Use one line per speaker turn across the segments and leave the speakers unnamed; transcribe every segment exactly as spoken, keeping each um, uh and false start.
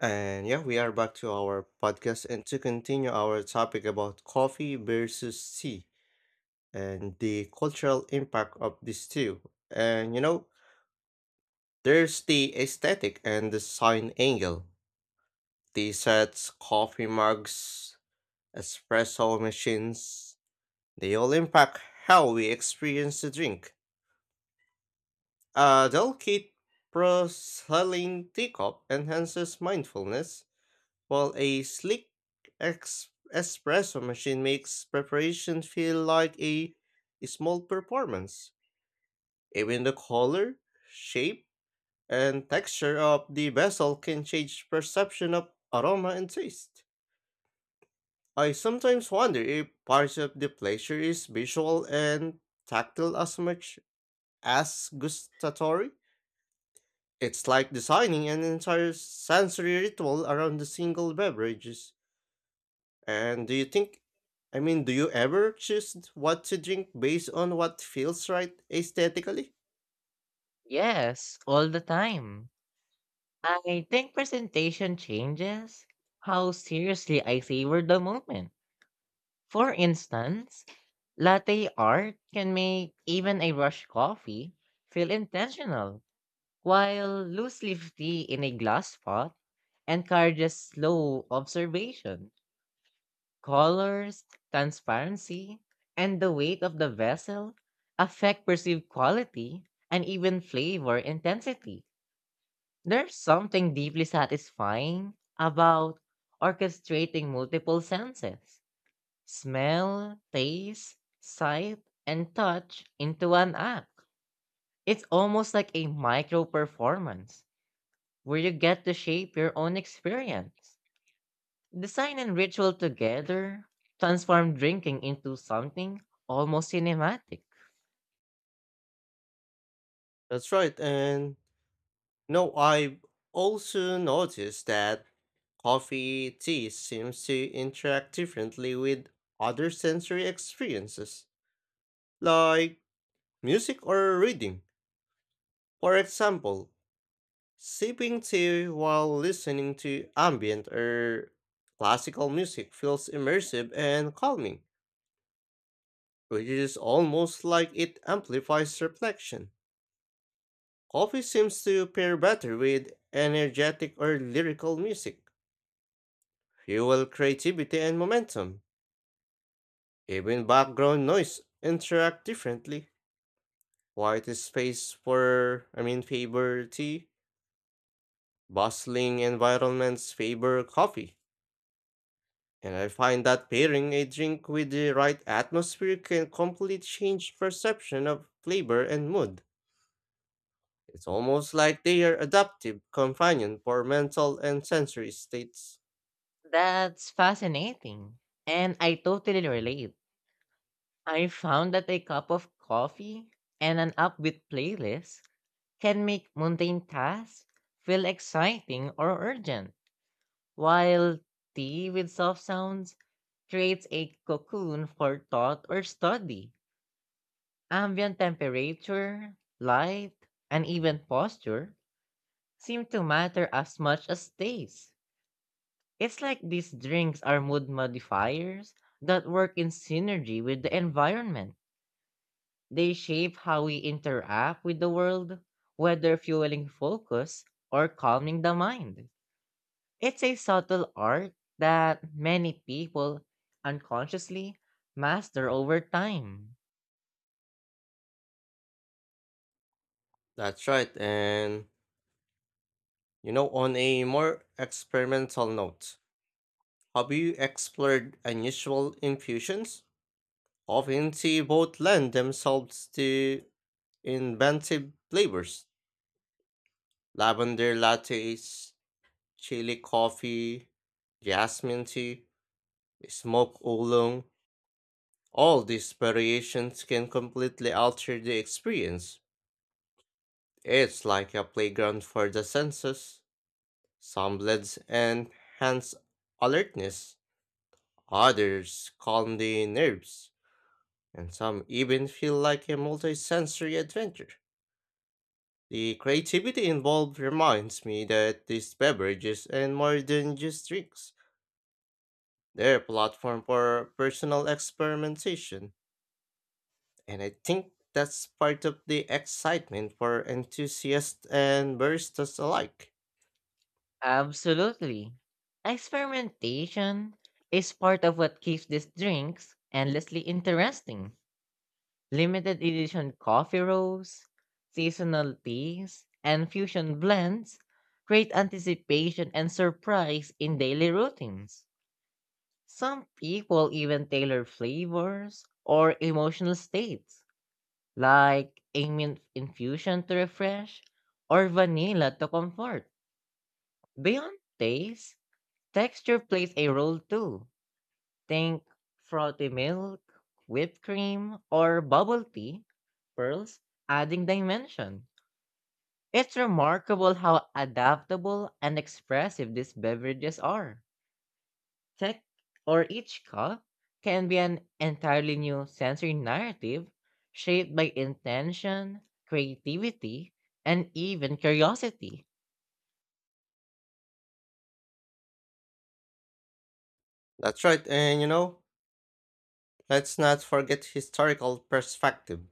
And yeah, we are back to our podcast and to continue our topic about coffee versus tea and the cultural impact of these two. And you know, there's the aesthetic and the design angle. Tea sets, coffee mugs, espresso machines, they all impact how we experience the drink. A delicate porcelain teacup enhances mindfulness while a slick ex- espresso machine makes preparation feel like a small performance. Even the color, shape, and texture of the vessel can change perception of aroma and taste. I sometimes wonder if part of the pleasure is visual and tactile as much as gustatory. It's like designing an entire sensory ritual around a single beverage. And do you think, I mean, do you ever choose what to drink based on what feels right aesthetically?
Yes, all the time. I think presentation changes how seriously I savor the moment. For instance, latte art can make even a rush coffee feel intentional, while loose leaf tea in a glass pot encourages slow observation. Colors, transparency, and the weight of the vessel affect perceived quality and even flavor intensity. There's something deeply satisfying about orchestrating multiple senses: smell, taste, sight, and touch into one act. It's almost like a micro performance where you get to shape your own experience. Design and ritual together transform drinking into something almost cinematic.
That's right. And no, I've also noticed that coffee, tea seems to interact differently with other sensory experiences, like music or reading. For example, sipping tea while listening to ambient or classical music feels immersive and calming, which is almost like it amplifies reflection. Coffee seems to pair better with energetic or lyrical music, fuel creativity and momentum. Even background noise interact differently. Quiet space for, I mean, favor tea, bustling environments favor coffee. And I find that pairing a drink with the right atmosphere can completely change perception of flavor and mood. It's almost like they are adaptive companion for mental and sensory states.
That's fascinating, and I totally relate. I found that a cup of coffee and an upbeat playlist can make mundane tasks feel exciting or urgent, while tea with soft sounds creates a cocoon for thought or study. Ambient temperature, light, and even posture seem to matter as much as taste. It's like these drinks are mood modifiers that work in synergy with the environment. They shape how we interact with the world, whether fueling focus or calming the mind. It's a subtle art that many people unconsciously master over time.
That's right, and you know, on a more experimental note, have you explored unusual infusions? Often they both lend themselves to inventive flavors. Lavender lattes, chili coffee, jasmine tea, smoke oolong. All these variations can completely alter the experience. It's like a playground for the senses. Some blends enhance alertness, others calm the nerves, and some even feel like a multisensory adventure. The creativity involved reminds me that these beverages and more than just drinks. They're a platform for personal experimentation, and I think that's part of the excitement for enthusiasts and baristas alike.
Absolutely. Experimentation is part of what keeps these drinks endlessly interesting. Limited edition coffee roasts, seasonal teas, and fusion blends create anticipation and surprise in daily routines. Some people even tailor flavors or emotional states, like a mint infusion to refresh or vanilla to comfort. Beyond taste, texture plays a role too. Think frothy milk, whipped cream, or bubble tea pearls, adding dimension. It's remarkable how adaptable and expressive these beverages are. Tech or each cup can be an entirely new sensory narrative shaped by intention, creativity, and even curiosity.
That's right, and you know, let's not forget historical perspective.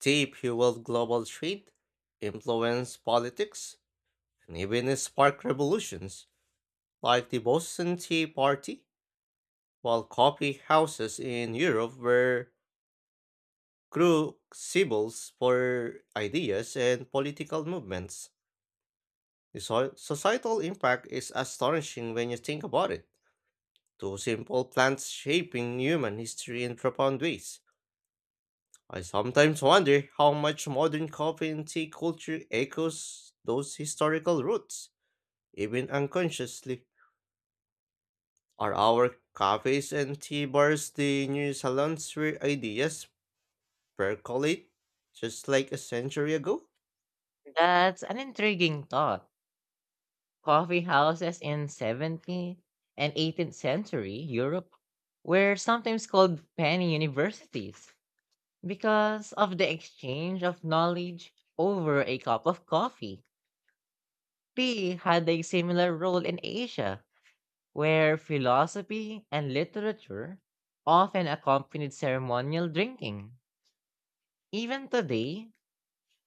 They fueled global trade, influenced politics, and even sparked revolutions like the Boston Tea Party, while coffee houses in Europe were crucibles for ideas and political movements. The so- societal impact is astonishing when you think about it. Two simple plants shaping human history in profound ways. I sometimes wonder how much modern coffee and tea culture echoes those historical roots, even unconsciously. Are our cafes and tea bars the new salons where ideas percolate, just like a century ago?
That's an intriguing thought. Coffee houses in seventeenth and eighteenth century Europe were sometimes called penny universities because of the exchange of knowledge over a cup of coffee. Tea had a similar role in Asia, where philosophy and literature often accompanied ceremonial drinking. Even today,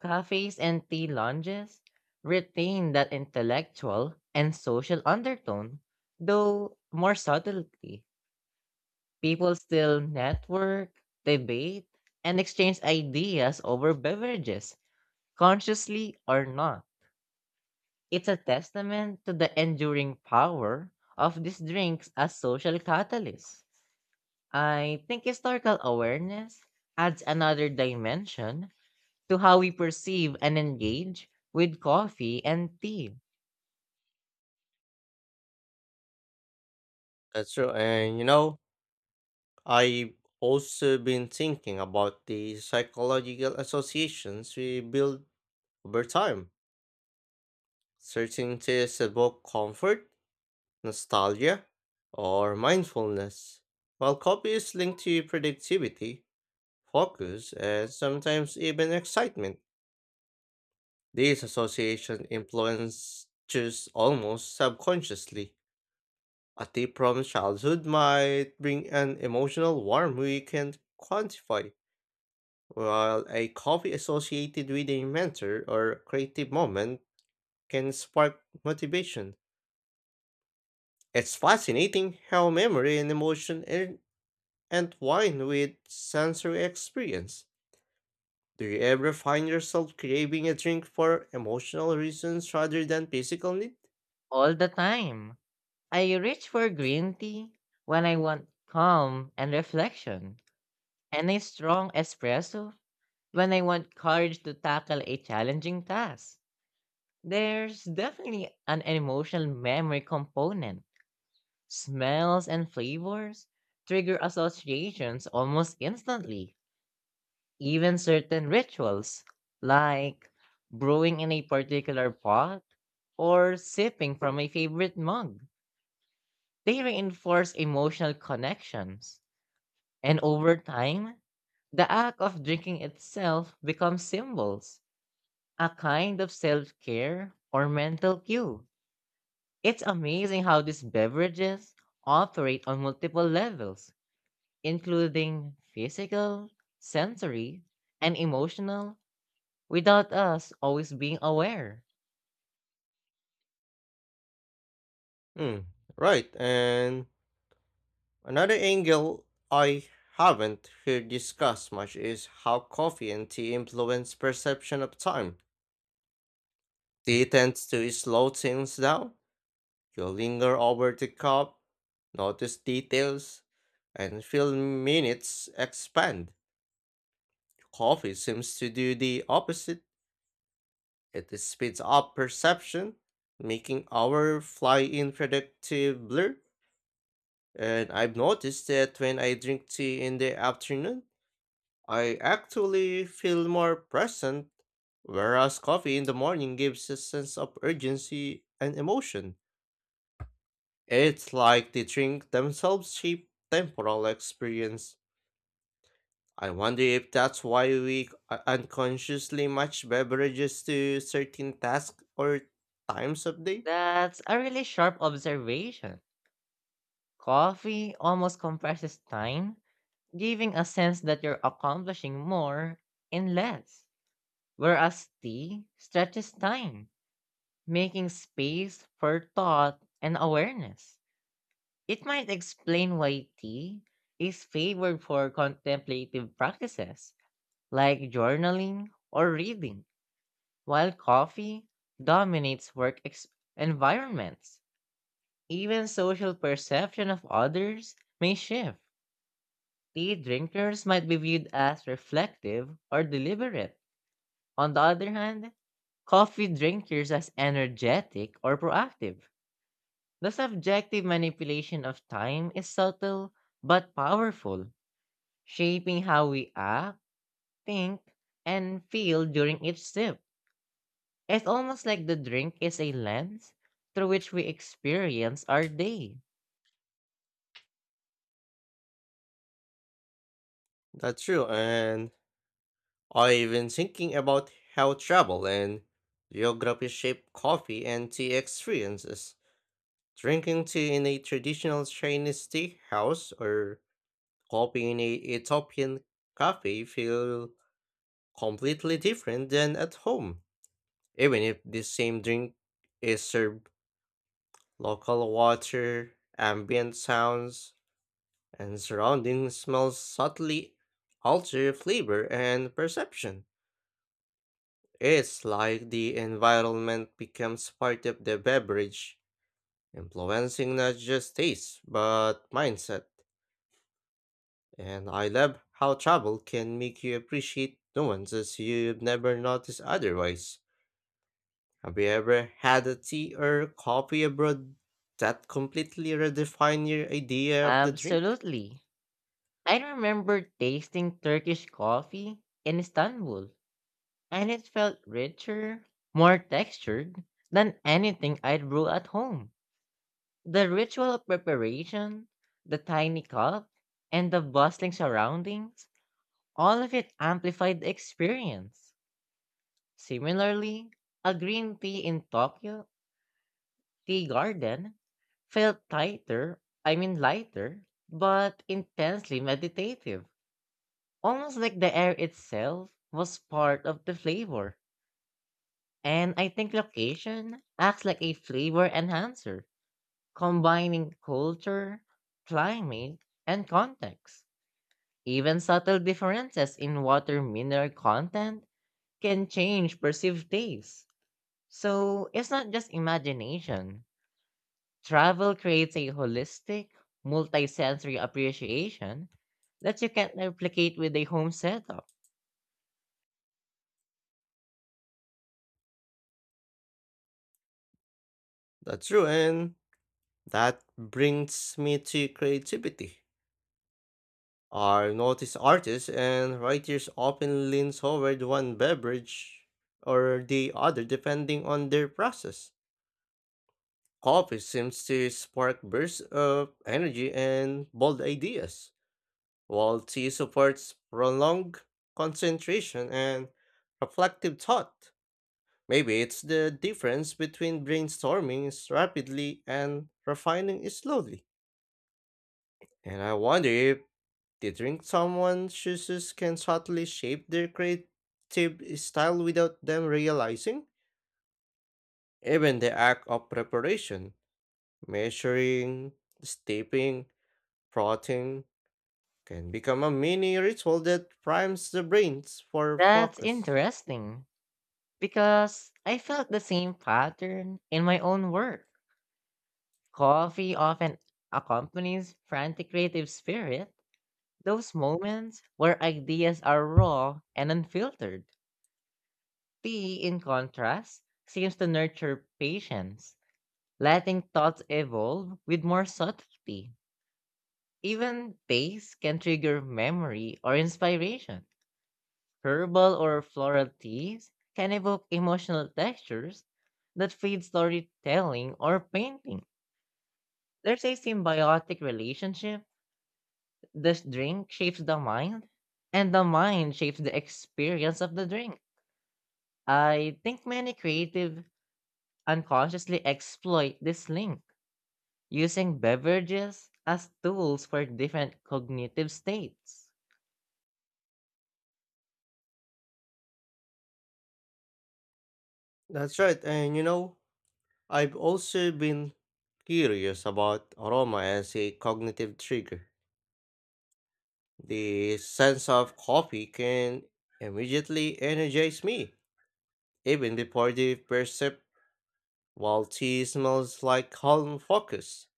cafes and tea lounges retain that intellectual and social undertone, though more subtly. People still network, debate, and exchange ideas over beverages, consciously or not. It's a testament to the enduring power of these drinks as social catalysts. I think historical awareness adds another dimension to how we perceive and engage with coffee and tea
That's true, and you know, I've also been thinking about the psychological associations we build over time. Certain tastes evoke comfort, nostalgia, or mindfulness, while copy is linked to productivity, focus, and sometimes even excitement. These association influences almost subconsciously. A tip from childhood might bring an emotional warmth we can't quantify, while a coffee associated with a mentor or creative moment can spark motivation. It's fascinating how memory and emotion are and wine with sensory experience. Do you ever find yourself craving a drink for emotional reasons rather than physical need?
all the time. I reach for green tea when I want calm and reflection, and a strong espresso when I want courage to tackle a challenging task. There's definitely an emotional memory component. Smells and flavors trigger associations almost instantly. Even certain rituals, like brewing in a particular pot or sipping from a favorite mug, they reinforce emotional connections. And over time, the act of drinking itself becomes symbols, a kind of self care or mental cue. It's amazing how these beverages operate on multiple levels, including physical, sensory, and emotional, without us always being aware.
Hmm, right. And another angle I haven't heard discussed much is how coffee and tea influence perception of time. Tea tends to slow things down. You linger over the cup, notice details, and feel minutes expand. Coffee seems to do the opposite. It speeds up perception, making our fly in predictive blur. And I've noticed that when I drink tea in the afternoon, I actually feel more present, whereas coffee in the morning gives a sense of urgency and emotion. It's like the drink themselves shape temporal experience. I wonder if that's why we u- unconsciously match beverages to certain tasks or times of day.
That's a really sharp observation. Coffee almost compresses time, giving a sense that you're accomplishing more in less, whereas tea stretches time, making space for thought and awareness. It might explain why tea is favored for contemplative practices like journaling or reading, while coffee dominates work ex- environments. Even social perception of others may shift. Tea drinkers might be viewed as reflective or deliberate. On the other hand, coffee drinkers as energetic or proactive. The subjective manipulation of time is subtle but powerful, shaping how we act, think, and feel during each sip. It's almost like the drink is a lens through which we experience our day.
That's true, and I've been thinking about how travel and geography shape coffee and tea experiences. Drinking tea in a traditional Chinese tea house or coffee in a Ethiopian cafe feel completely different than at home, even if the same drink is served. Local water, ambient sounds, and surrounding smells subtly alter flavor and perception. It's like the environment becomes part of the beverage, influencing not just taste, but mindset. And I love how travel can make you appreciate nuances you've never noticed otherwise. Have you ever had a tea or coffee abroad that completely redefined your idea of the drink?
Absolutely. I remember tasting Turkish coffee in Istanbul, and it felt richer, more textured than anything I'd brew at home. The ritual of preparation, the tiny cup, and the bustling surroundings, all of it amplified the experience. Similarly, a green tea in Tokyo Tea Garden felt tighter, I mean lighter, but intensely meditative. Almost like the air itself was part of the flavor. And I think location acts like a flavor enhancer, combining culture, climate, and context. Even subtle differences in water mineral content can change perceived taste. So it's not just imagination. Travel creates a holistic, multisensory appreciation that you can't replicate with a home setup.
That's true, and that brings me to creativity. I notice artists and writers often lean toward one beverage or the other depending on their process. Coffee seems to spark bursts of energy and bold ideas, while tea supports prolonged concentration and reflective thought. Maybe it's the difference between brainstorming rapidly and refining slowly. And I wonder if Do you think someone's choices can subtly shape their creative style without them realizing? Even the act of preparation, measuring, steeping, frothing, can become a mini ritual that primes the brains for
That's
focus.
interesting, because I felt the same pattern in my own work. Coffee often accompanies frantic creative spirit, those moments where ideas are raw and unfiltered. Tea, in contrast, seems to nurture patience, letting thoughts evolve with more subtlety. Even taste can trigger memory or inspiration. Herbal or floral teas can evoke emotional textures that feed storytelling or painting. There's a symbiotic relationship. This drink shapes the mind, and the mind shapes the experience of the drink. I think many creative unconsciously exploit this link, using beverages as tools for different cognitive states.
That's right, and you know, I've also been curious about aroma as a cognitive trigger. The sense of coffee can immediately energize me even before the percept, while tea smells like calm focus,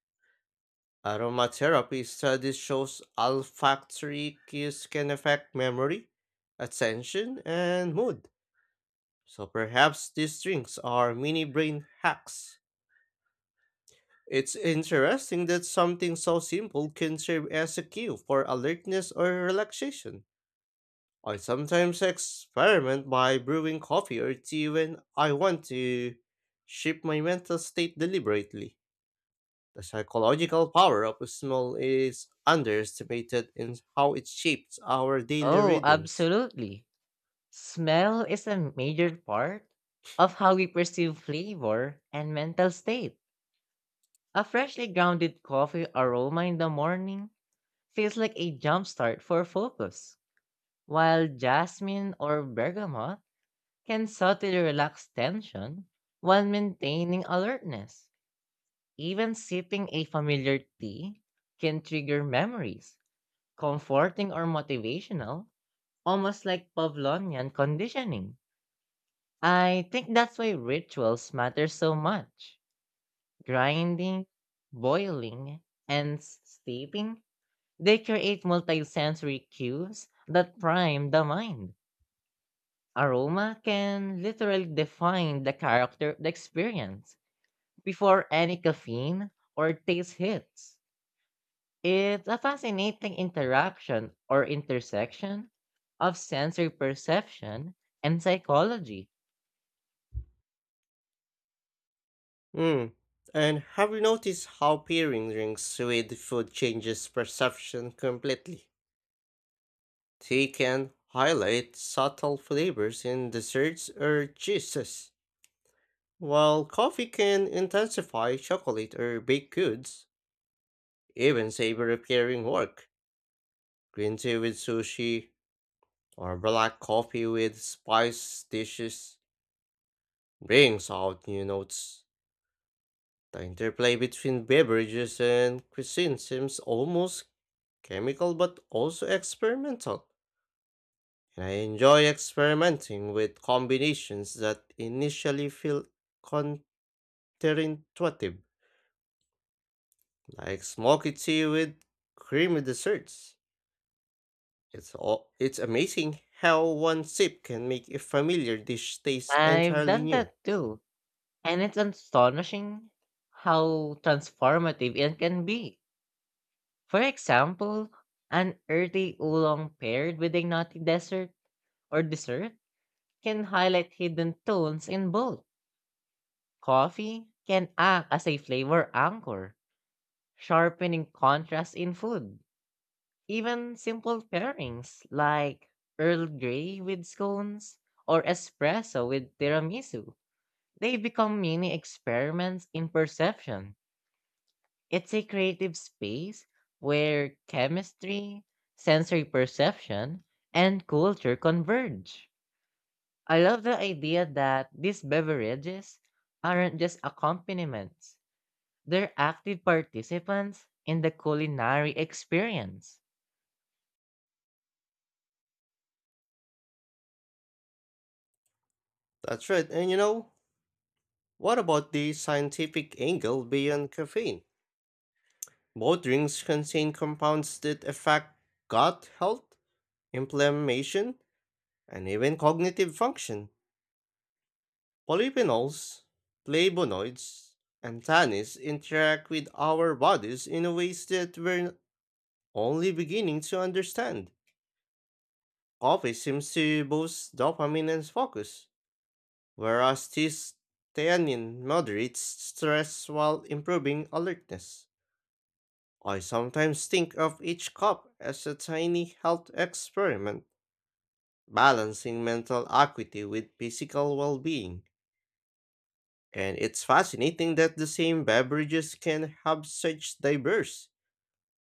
aromatherapy studies shows olfactory cues can affect memory, attention, and mood. So perhaps these drinks are mini brain hacks. It's interesting that something so simple can serve as a cue for alertness or relaxation. I sometimes experiment by brewing coffee or tea when I want to shift my mental state deliberately. The psychological power of smell is underestimated in how it shapes our daily
Oh,
rhythms.
absolutely. Smell is a major part of how we perceive flavor and mental state. A freshly grounded coffee aroma in the morning feels like a jumpstart for focus, while jasmine or bergamot can subtly relax tension while maintaining alertness. Even sipping a familiar tea can trigger memories, comforting or motivational, almost like Pavlovian conditioning. I think that's why rituals matter so much. Grinding, boiling, and s- steeping, they create multisensory cues that prime the mind. Aroma can literally define the character of the experience before any caffeine or taste hits. It's a fascinating interaction or intersection of sensory perception and psychology.
Mm. And have you noticed how pairing drinks with food changes perception completely? Tea can highlight subtle flavors in desserts or cheeses, while coffee can intensify chocolate or baked goods, even savory pairing work. Green tea with sushi, or black coffee with spice dishes. Brings out new notes. The interplay between beverages and cuisine seems almost chemical but also experimental. And I enjoy experimenting with combinations that initially feel counterintuitive, like smoky tea with creamy desserts. It's all, it's amazing how one sip can make a familiar dish taste
I've
entirely
done
new.
that too, and it's astonishing how transformative it can be. For example, an earthy oolong paired with a nutty dessert or dessert can highlight hidden tones in both. Coffee can act as a flavor anchor, sharpening contrast in food. Even simple pairings like Earl Grey with scones or espresso with tiramisu, they become mini experiments in perception. It's a creative space where chemistry, sensory perception, and culture converge. I love the idea that these beverages aren't just accompaniments, they're active participants in the culinary experience.
That's right. And you know, what about the scientific angle beyond caffeine? Both drinks contain compounds that affect gut health, inflammation, and even cognitive function. Polyphenols, flavonoids, and tannins interact with our bodies in ways that we're only beginning to understand. Coffee seems to boost dopamine and focus, whereas this theanine moderates stress while improving alertness. I sometimes think of each cup as a tiny health experiment balancing mental acuity with physical well being. And it's fascinating that the same beverages can have such diverse,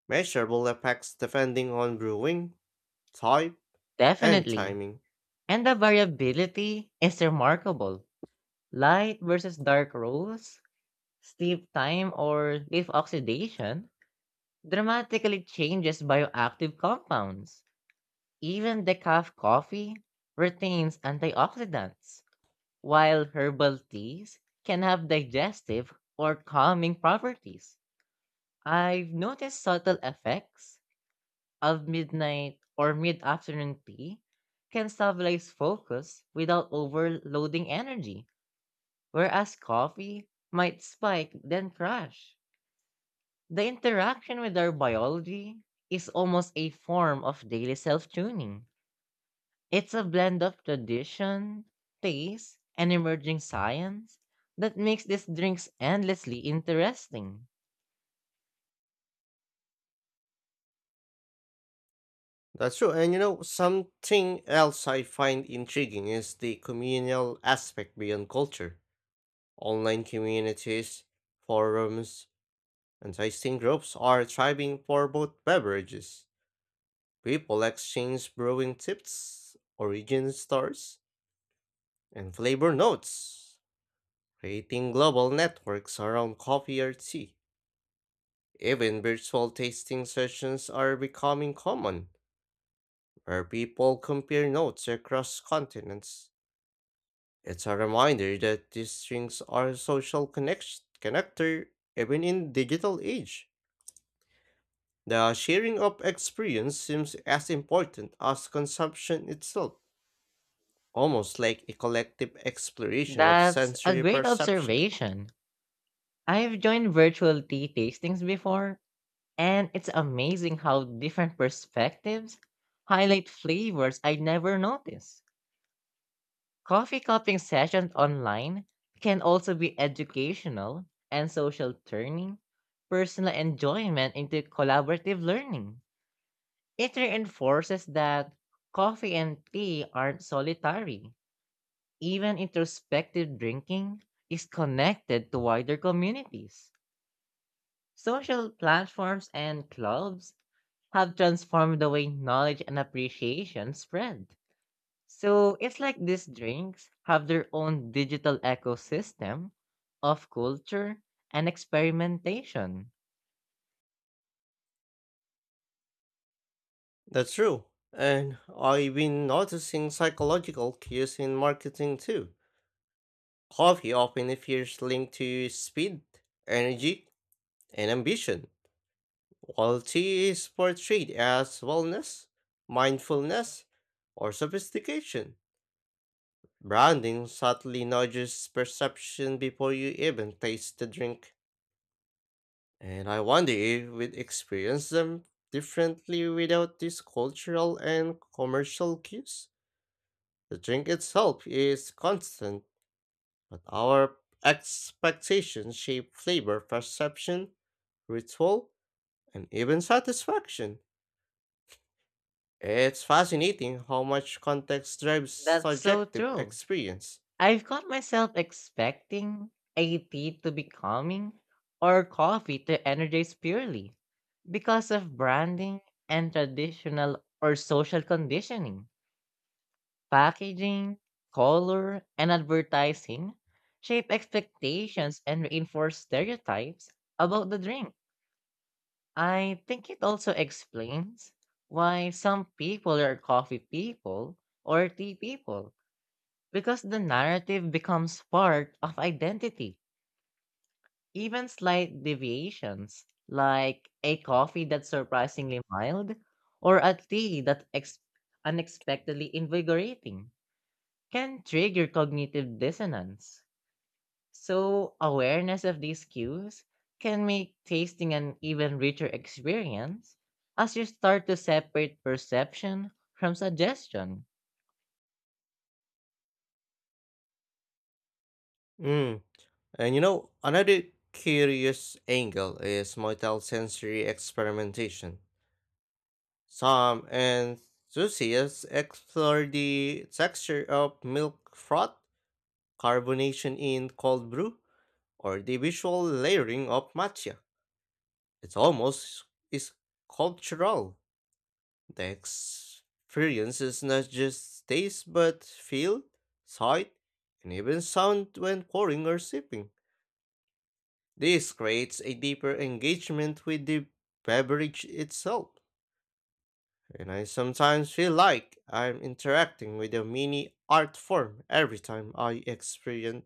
measurable effects depending on brewing, type, and
Definitely.
timing.
And the variability is remarkable. Light versus dark rolls, steep time or leaf oxidation dramatically changes bioactive compounds. Even decaf coffee retains antioxidants, while herbal teas can have digestive or calming properties. I've noticed subtle effects of midnight or mid afternoon tea can stabilize focus without overloading energy, whereas coffee might spike then crash. The interaction with our biology is almost a form of daily self tuning. It's a blend of tradition, taste, and emerging science that makes these drinks endlessly interesting.
That's true. And you know, something else I find intriguing is the communal aspect beyond culture. Online communities, forums, and tasting groups are thriving for both beverages. People exchange brewing tips, origin stories, and flavor notes, creating global networks around coffee or tea. Even virtual tasting sessions are becoming common, where people compare notes across continents. It's a reminder that these drinks are a social connect- connector even in digital age. The sharing of experience seems as important as consumption itself, almost like a collective exploration of
That's a
sensory
great
perception.
observation. I've joined virtual tea tastings before, and it's amazing how different perspectives highlight flavors I never noticed. Coffee cupping sessions online can also be educational and social, turning personal enjoyment into collaborative learning. It reinforces that coffee and tea aren't solitary. Even introspective drinking is connected to wider communities. Social platforms and clubs have transformed the way knowledge and appreciation spread. So it's like these drinks have their own digital ecosystem of culture and experimentation.
That's true. And I've been noticing psychological cues in marketing too. Coffee often appears linked to speed, energy, and ambition, while tea is portrayed as wellness, mindfulness, or sophistication. Branding subtly nudges perception before you even taste the drink. And I wonder if we'd experience them differently without these cultural and commercial cues. The drink itself is constant, but our expectations shape flavor perception, ritual, and even satisfaction. It's fascinating how much context drives
That's so
subjective
true.
experience.
I've caught myself expecting a tea to be calming or coffee to energize purely because of branding and traditional or social conditioning. Packaging, color, and advertising shape expectations and reinforce stereotypes about the drink. I think it also explains why some people are coffee people or tea people because the narrative becomes part of identity. Even slight deviations, like a coffee that's surprisingly mild or a tea that's ex- unexpectedly invigorating, can trigger cognitive dissonance. So, awareness of these cues can make tasting an even richer experience as you start to separate perception from suggestion.
Mm. And you know, another curious angle is motel sensory experimentation. Some enthusiasts explore the texture of milk froth carbonation in cold brew, or the visual layering of matcha. It's almost is cultural. The experience is not just taste but feel, sight, and even sound when pouring or sipping. This creates a deeper engagement with the beverage itself, and I sometimes feel like I'm interacting with a mini art form every time I experience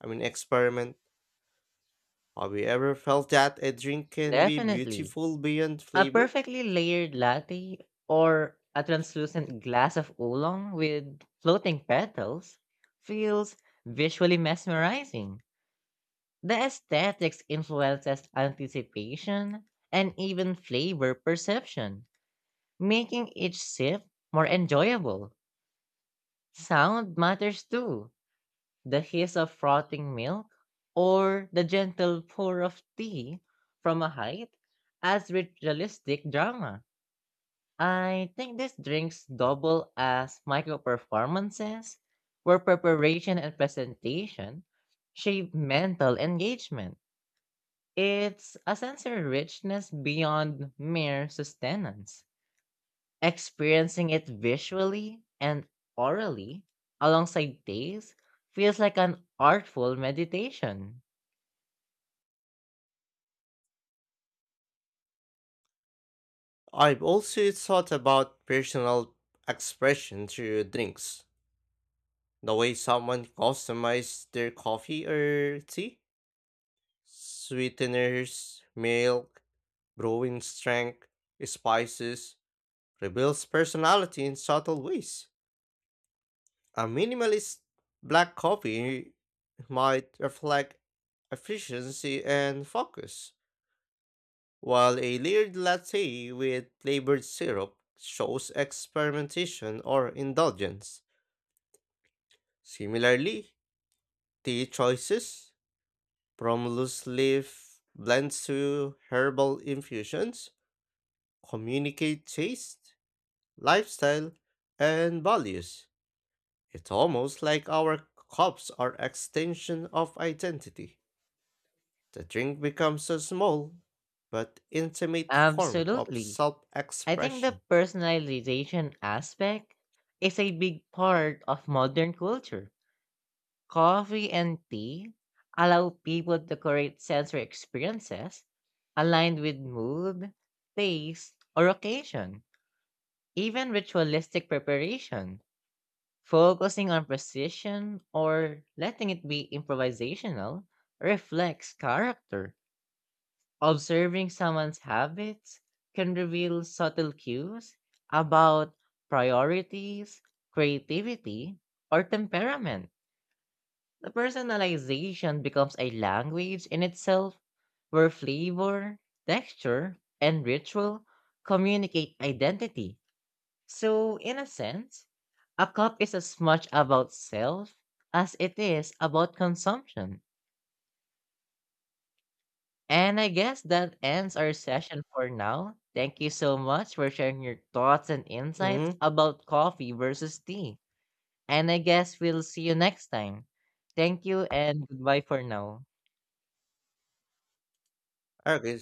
I mean experiment. Have you ever felt that a drink can be
Definitely.
beautiful beyond
A
flavor?
perfectly layered latte or a translucent glass of oolong with floating petals feels visually mesmerizing. The aesthetics influences anticipation and even flavor perception, making each sip more enjoyable. Sound matters too. The hiss of frothing milk or the gentle pour of tea from a height adds ritualistic drama. I think these drinks double as micro performances where preparation and presentation shape mental engagement. It's a sensory richness beyond mere sustenance. Experiencing it visually and orally alongside taste feels like an artful meditation.
I've also thought about personal expression through drinks. The way someone customizes their coffee or tea, sweeteners, milk, brewing strength, spices, reveals personality in subtle ways. A minimalist black coffee might reflect efficiency and focus while a layered latte with flavored syrup shows experimentation or indulgence. Similarly, tea choices, from loose leaf blends to herbal infusions, communicate taste, lifestyle, and values. It's almost like our cups are extension of identity. The drink becomes a small but intimate form of
Absolutely. I think the
self-expression.
personalization aspect is a big part of modern culture. Coffee and tea allow people to create sensory experiences aligned with mood, taste, or occasion. Even ritualistic preparation, focusing on precision or letting it be improvisational, reflects character. Observing someone's habits can reveal subtle cues about priorities, creativity, or temperament. The personalization becomes a language in itself where flavor, texture, and ritual communicate identity. So, in a sense, a cup is as much about self as it is about consumption. And I guess that ends our session for now. Thank you so much for sharing your thoughts and insights
Mm,
about coffee versus tea. And I guess we'll see you next time. Thank you and goodbye for now.
okay,